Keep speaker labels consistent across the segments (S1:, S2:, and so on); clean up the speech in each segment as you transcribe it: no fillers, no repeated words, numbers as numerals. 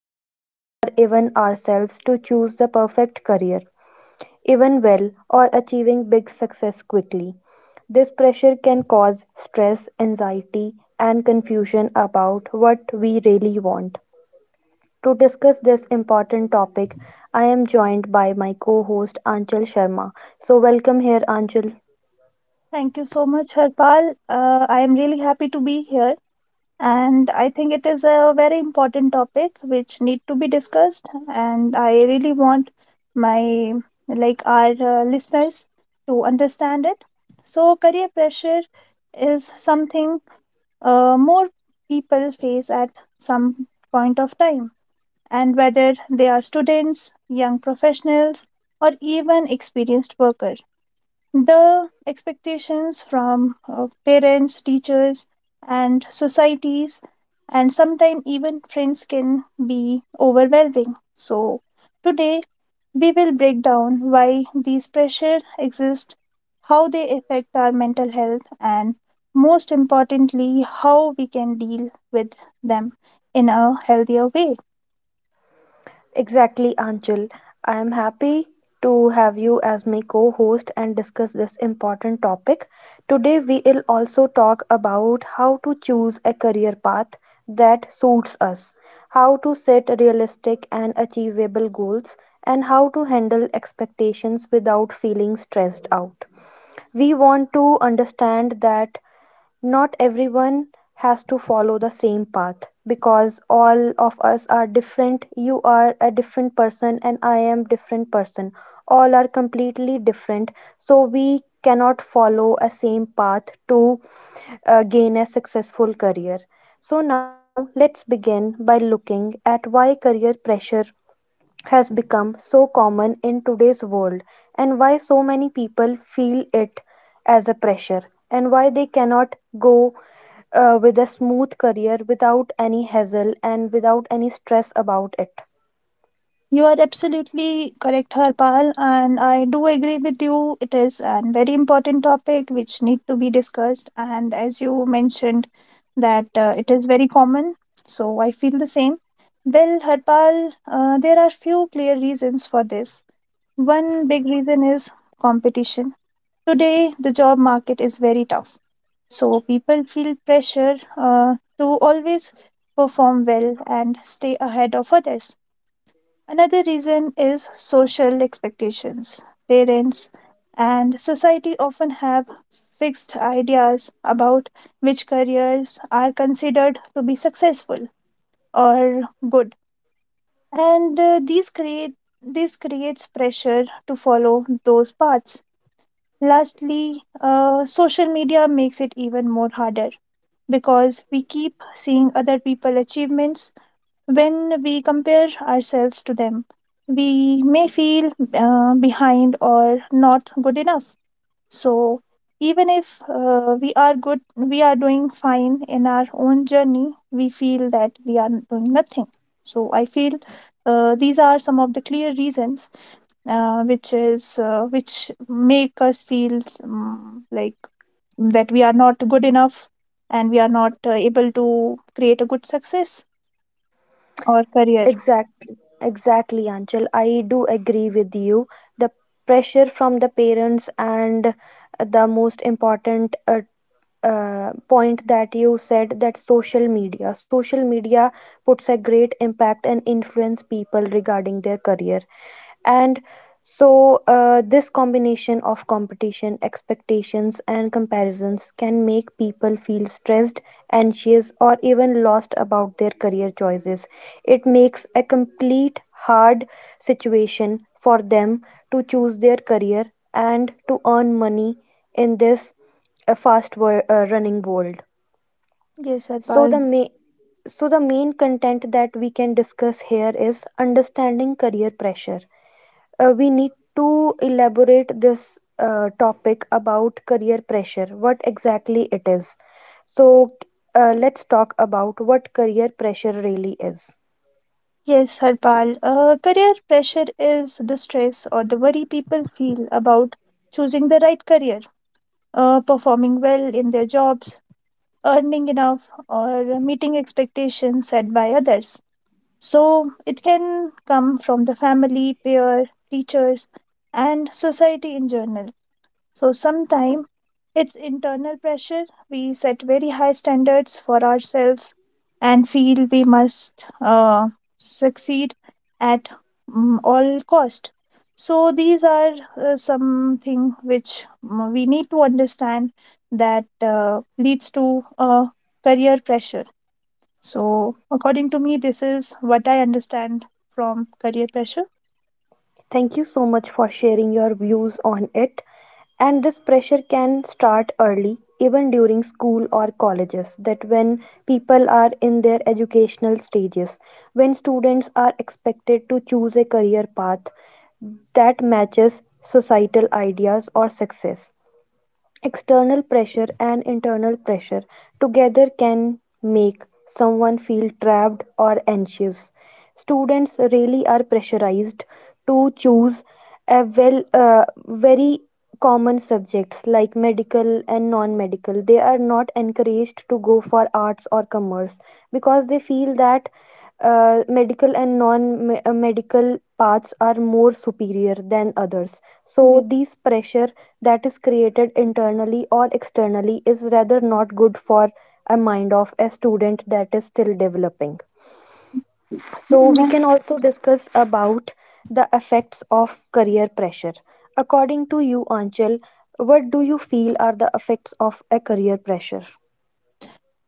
S1: society, or even ourselves to choose the perfect career even well, or achieving big success quickly. This pressure can cause stress, anxiety, and confusion about what we really want. To discuss this important topic, I am joined by my co host Anchal Sharma. So, welcome here, Anchal.
S2: Thank you so much, Harpal. I am really happy to be here, and I think it is a very important topic which need to be discussed. And I really want my like our listeners to understand it. So, career pressure is something more people face at some point of time, and whether they are students, young professionals, or even experienced workers, the expectations from parents, teachers, and societies, and sometimes even friends can be overwhelming. So, today we will break down why these pressure exist, how they affect our mental health, and most importantly, how we can deal with them in a healthier way.
S1: Exactly, Anchal. I am happy to have you as my co host and discuss this important topic. Today, we will also talk about how to choose a career path that suits us, how to set realistic and achievable goals, and how to handle expectations without feeling stressed out. We want to understand that not everyone has to follow the same path because all of us are different. You are a different person and I am different person. All are completely different. So we cannot follow a same path to gain a successful career. So now let's begin by looking at why career pressure has become so common in today's world and why so many people feel it as a pressure and why they cannot go with a smooth career without any hassle and without any stress about it.
S2: You are absolutely correct, Harpal, and I do agree with you. It is an very important topic which need to be discussed, and as you mentioned, that it is very common. So I feel the same. Well, Harpal, there are few clear reasons for this. One big reason is competition. Today, the job market is very tough, so people feel pressure to always perform well and stay ahead of others. Another reason is social expectations. Parents and society often have fixed ideas about which careers are considered to be successful or good, and these create this creates pressure to follow those paths. Lastly, social media makes it even more harder because we keep seeing other people achievements when we compare ourselves to them, we may feel behind or not good enough. So, even if we are good, we are doing fine in our own journey, we feel that we are doing nothing. So, I feel these are some of the clear reasons which make us feel like that we are not good enough and we are not able to create a good success or career.
S1: Exactly, exactly, Anchal. I do agree with you. The pressure from the parents and the most important point that you said that social media puts a great impact and influence people regarding their career and so, this combination of competition, expectations, and comparisons can make people feel stressed, anxious, or even lost about their career choices. It makes a complete hard situation for them to choose their career and to earn money in this uh, running world.
S2: Yes,
S1: So,
S2: Harpal.
S1: the ma- so, the main content that we can discuss here is understanding career pressure, we need to elaborate this topic about career pressure, what exactly it is. So, let's talk about what career pressure really is.
S2: Yes, Harpal. Career pressure is the stress or the worry people feel about choosing the right career, performing well in their jobs, earning enough, or meeting expectations set by others. So it can come from the family, peer, teachers, and society in general. So sometimes it's internal pressure. We set very high standards for ourselves and feel we must succeed at all cost. So these are something which we need to understand that leads to career pressure. So according to me, this is what I understand from career pressure.
S1: Thank you so much for sharing your views on it. And this pressure can start early, even during school or colleges, that when people are in their educational stages, when students are expected to choose a career path that matches societal ideas or success. External pressure and internal pressure together can make someone feel trapped or anxious. Students really are pressurized to choose a well, very common subjects like medical and non-medical. They are not encouraged to go for arts or commerce because they feel that medical and non medical paths are more superior than others.
S2: Yeah.
S1: So, this pressure that is created internally or externally is rather not good for a mind of a student that is still developing. So, we can also discuss about the effects of career pressure. According to you, Anchal, what do you feel are the effects of a career pressure?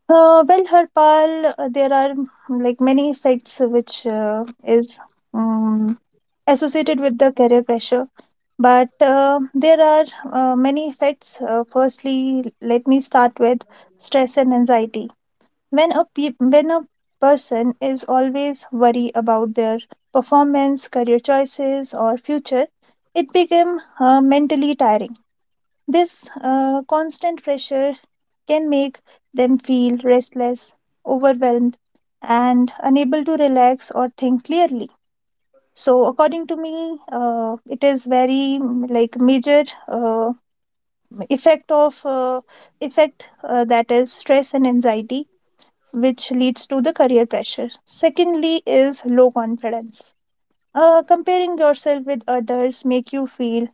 S2: Well, Harpal, there are like many effects which is um, associated with the career pressure, but there are many effects. Firstly, let me start with stress and anxiety. When a person is always worried about their performance, career choices, or future, it became mentally tiring. This constant pressure can make them feel restless, overwhelmed, and unable to relax or think clearly. So, according to me, it is very like major effect of uh, effect that is stress and anxiety, which leads to the career pressure. Secondly, is low confidence. Comparing yourself with others make you feel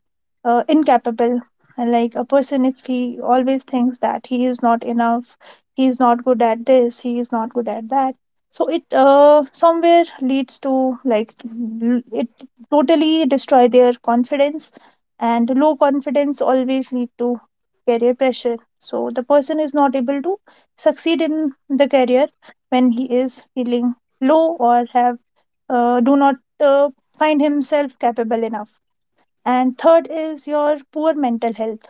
S2: incapable. And like a person, if he always thinks that he is not enough, he is not good at this, he is not good at that, so it somewhere leads to it totally destroy their confidence, and low confidence always lead to career pressure, so the person is not able to succeed in the career when he is feeling low or have do not uh, find himself capable enough. And third is your poor mental health.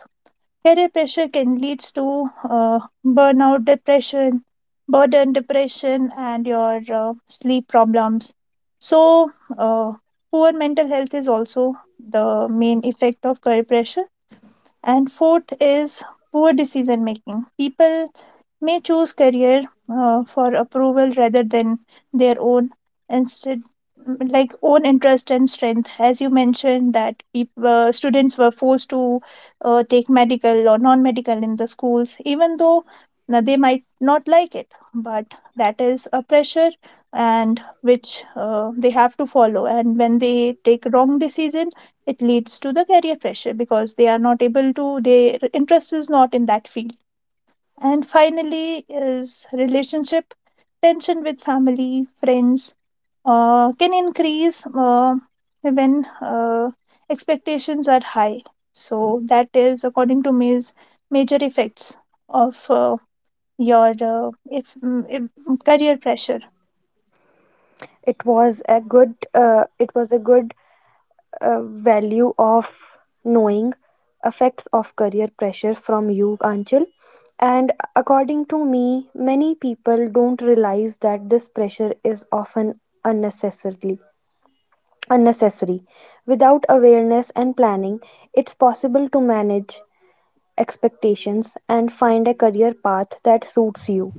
S2: Career pressure can leads to burnout, depression, burden, depression, and your sleep problems. So, uh, poor mental health is also the main effect of career pressure. And fourth is poor decision making. People may choose career for approval rather than their own, instead, like own interest and strength, as you mentioned that people, students were forced to take medical or non-medical in the schools even though now, they might not like it, but that is a pressure, and which they have to follow, and when they take wrong decision, it leads to the career pressure because they are not able to, their interest is not in that field. And finally, is relationship tension with family, friends can increase when expectations are high. So that is according to me is major effects of your if, mm, if career pressure.
S1: It was a good value of knowing effects of career pressure from you, Anchal. And according to me, many people don't realize that this pressure is often unnecessarily unnecessary. Without awareness and planning, it's possible to manage expectations and find a career path that suits you.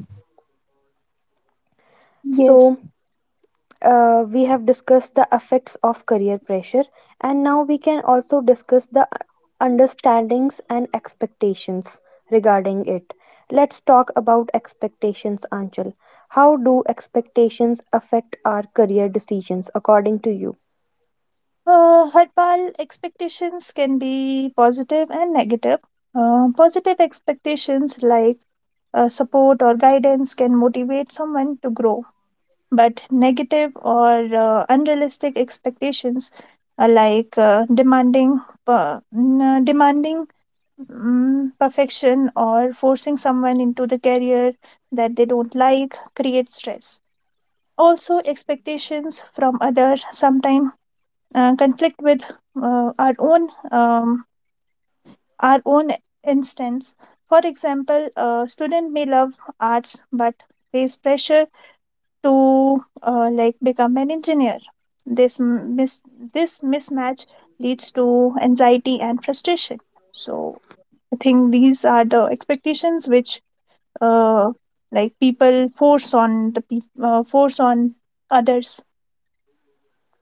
S2: Yes.
S1: So, we have discussed the effects of career pressure, and now we can also discuss the understandings and expectations regarding it. Let's talk about expectations, Anchal. How do expectations affect our career decisions, according to you?
S2: Harpal, expectations can be positive and negative. Positive expectations like support or guidance can motivate someone to grow, but negative or unrealistic expectations demanding perfection or forcing someone into the career that they don't like create stress. Also expectations from others sometimes conflict with our own instance. For example, a student may love arts but face pressure to like become an engineer. this m- mis- this mismatch leads to anxiety and frustration. So I think these are the expectations which uh, like people force on the peop force on others.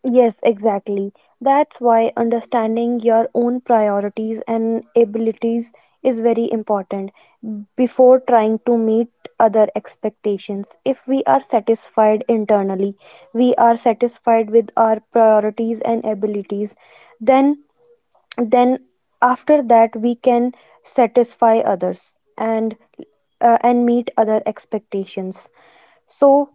S1: Yes, exactly. That's why understanding your own priorities and abilities is very important before trying to meet other expectations. If we are satisfied internally, we are satisfied with our priorities and abilities, then then after that we can satisfy others and meet other expectations. So,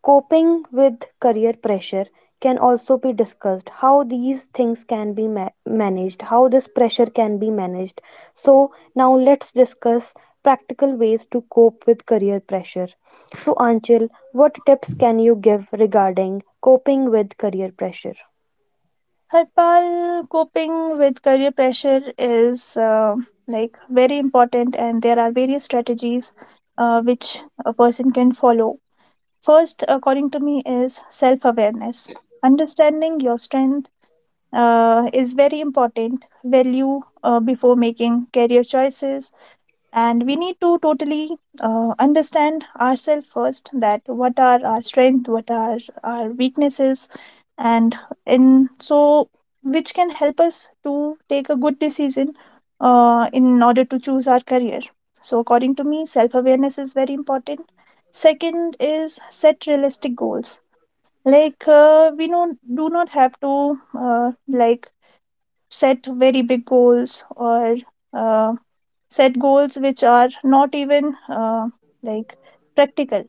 S1: coping with career pressure can also be discussed, how these things can be managed, how this pressure can be managed. So now let's discuss practical ways to cope with career pressure. So Anchil, what tips can you give regarding coping with career pressure?
S2: Harpal, coping with career pressure is like very important, and there are various strategies which a person can follow. First, according to me, is self awareness. Understanding your strength is very important value before making career choices. And we need to totally understand ourselves first, that what are our strengths, what are our weaknesses, and in so, which can help us to take a good decision in order to choose our career. So according to me, self awareness is very important. Second is set realistic goals. We don't do not have to like set very big goals or uh, set goals which are not even like practical.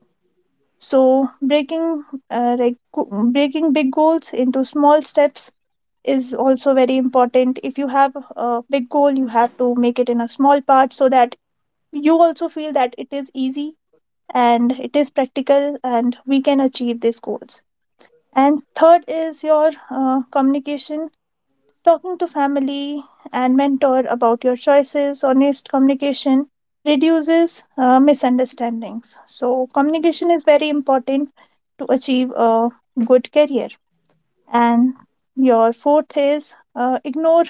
S2: So breaking breaking big goals into small steps is also very important. If you have a big goal, you have to make it in a small part so that you also feel that it is easy and it is practical and we can achieve these goals. And third is your communication, talking to family and mentor about your choices. Honest communication reduces misunderstandings. So communication is very important to achieve a good career. And your fourth is ignore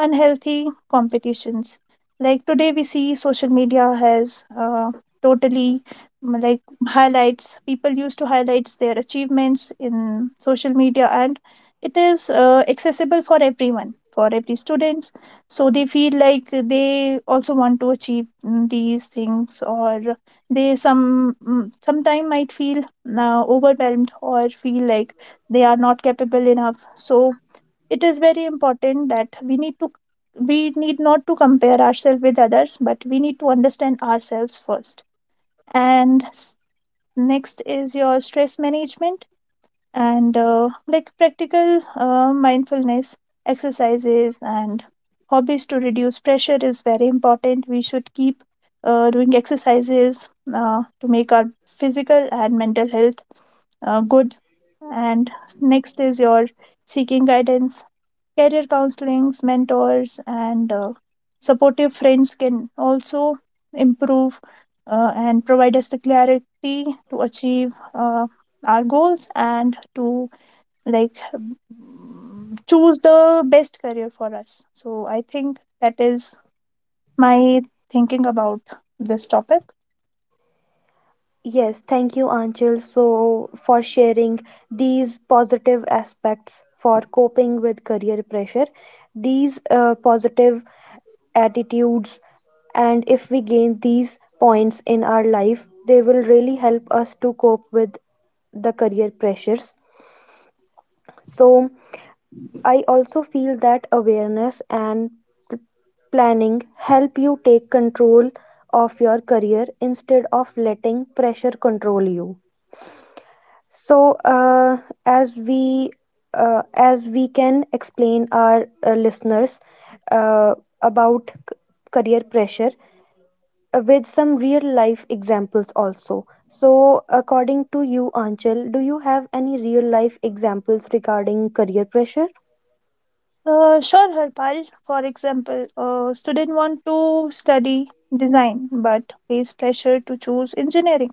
S2: unhealthy competitions. Like today, we see social media has totally mm, like highlights. People used to highlights their achievements in social media, and it is accessible for everyone, for every students. So they feel like they also want to achieve these things, or they sometime might feel overwhelmed or feel like they are not capable enough. So it is very important that we need not to compare ourselves with others, but we need to understand ourselves first. and s- Next is your stress management, and like practical mindfulness exercises and hobbies to reduce pressure is very important. We should keep doing exercises to make our physical and mental health good. And next is your seeking guidance. Career counselings, mentors, and supportive friends can also improve and provide us the clarity to achieve our goals and to choose the best career for us. So I think that is my thinking about this topic.
S1: Yes, thank you, Anchal, so for sharing these positive aspects for coping with career pressure. These positive attitudes, and if we gain these points in our life, they will really help us to cope with the career pressures. So, I also feel that awareness and p- planning help you take control of your career instead of letting pressure control you. So, as we as we can explain our listeners uh, about career pressure with some real life examples also. So, according to you, Anchal, do you have any real life examples regarding career pressure?
S2: Sure, Harpal. For example, a student want to study design but face pressure to choose engineering.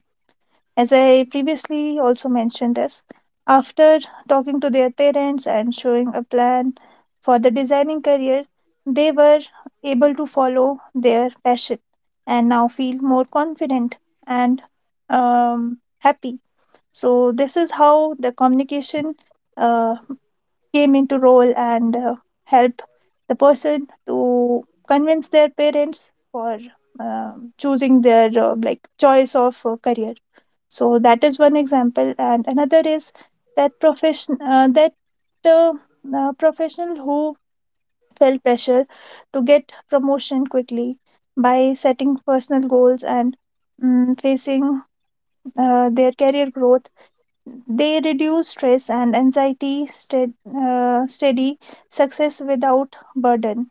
S2: As I previously also mentioned this, after talking to their parents and showing a plan for the designing career, they were able to follow their passion and now feel more confident and happy. So, this is how the communication uh, came into role and help the person to convince their parents for choosing their like choice of career. So that is one example, and another is that uh, professional who felt pressure to get promotion quickly by setting personal goals and facing their career growth, they reduce stress and anxiety, steady success without burden.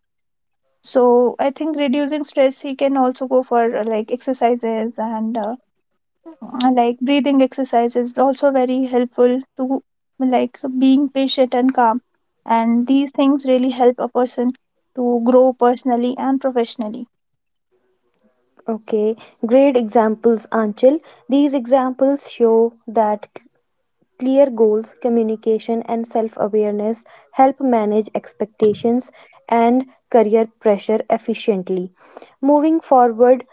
S2: So I think reducing stress, he can also go for like exercises and like breathing exercises is also very helpful to like being patient and calm. And these things really help a person to grow personally and professionally.
S1: Okay, great examples, Anchal. These examples show that clear goals, communication, and self awareness help manage expectations and career pressure efficiently. Moving forward,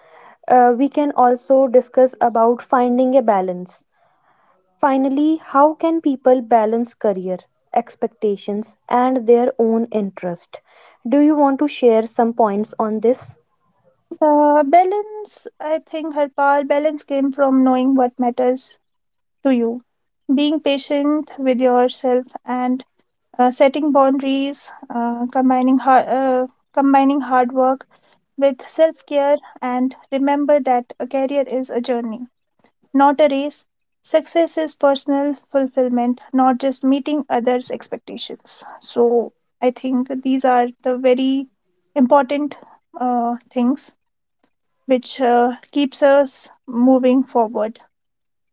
S1: we can also discuss about finding a balance. Finally, how can people balance career expectations and their own interest? Do you want to share some points on this?
S2: The balance, I think, her power balance came from knowing what matters to you. Being patient with yourself and setting boundaries, combining hard work with self care, and remember that a career is a journey, not a race. Success is personal fulfillment, not just meeting others' expectations. So, I think these are the very important things which keeps us moving forward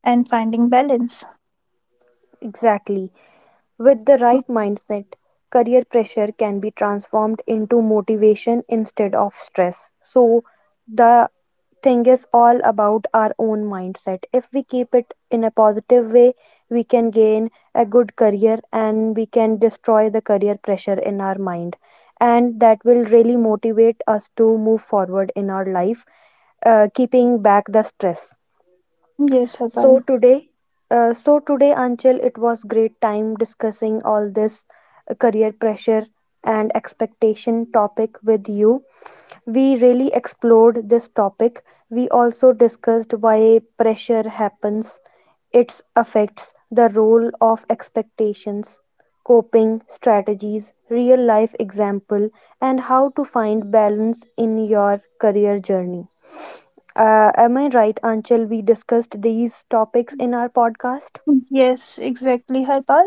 S2: and finding balance.
S1: Exactly. With the right mindset, career pressure can be transformed into motivation instead of stress. So, the thing is all about our own mindset. If we keep it in a positive way, we can gain a good career and we can destroy the career pressure in our mind. And that will really motivate us to move forward in our life, keeping back the stress.
S2: Yes,
S1: So
S2: Harpal.
S1: today, so today, Anchal, it was great time discussing all this career pressure and expectation topic with you. We really explored this topic. We also discussed why pressure happens, its effects, the role of expectations, coping strategies, real life example, and how to find balance in your career journey. Am I right, Anchal? We discussed these topics in our podcast.
S2: Yes, exactly, Harpal.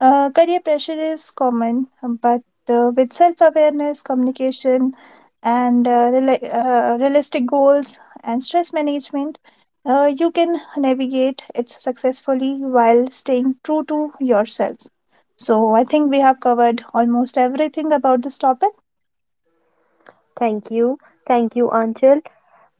S2: Career pressure is common, but with self awareness, communication, and realistic goals and stress management, you can navigate it successfully while staying true to yourself. So, I think we have covered almost everything about this topic.
S1: Thank you. Thank you, Anchal.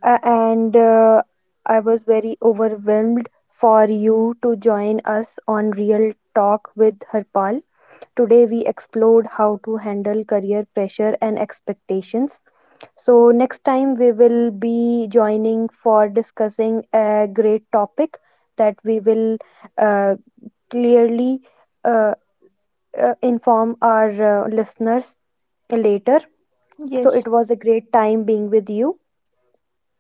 S1: And I was very overwhelmed for you to join us on Real Talk with Harpal. Today, we explored how to handle career pressure and expectations. So, next time, we will be joining for discussing a great topic that we will uh, clearly. Uh, inform our listeners later. So
S2: Yes.
S1: it was a great time being with you.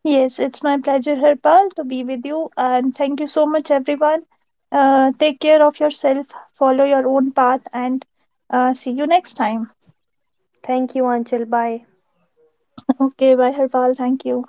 S2: Yes, it's my pleasure, Harpal, to be with you. And thank you so much, everyone. Take care of yourself, follow your own path, and see you next time.
S1: Thank you, Anchal. Bye.
S2: Okay, bye, Harpal. Thank you.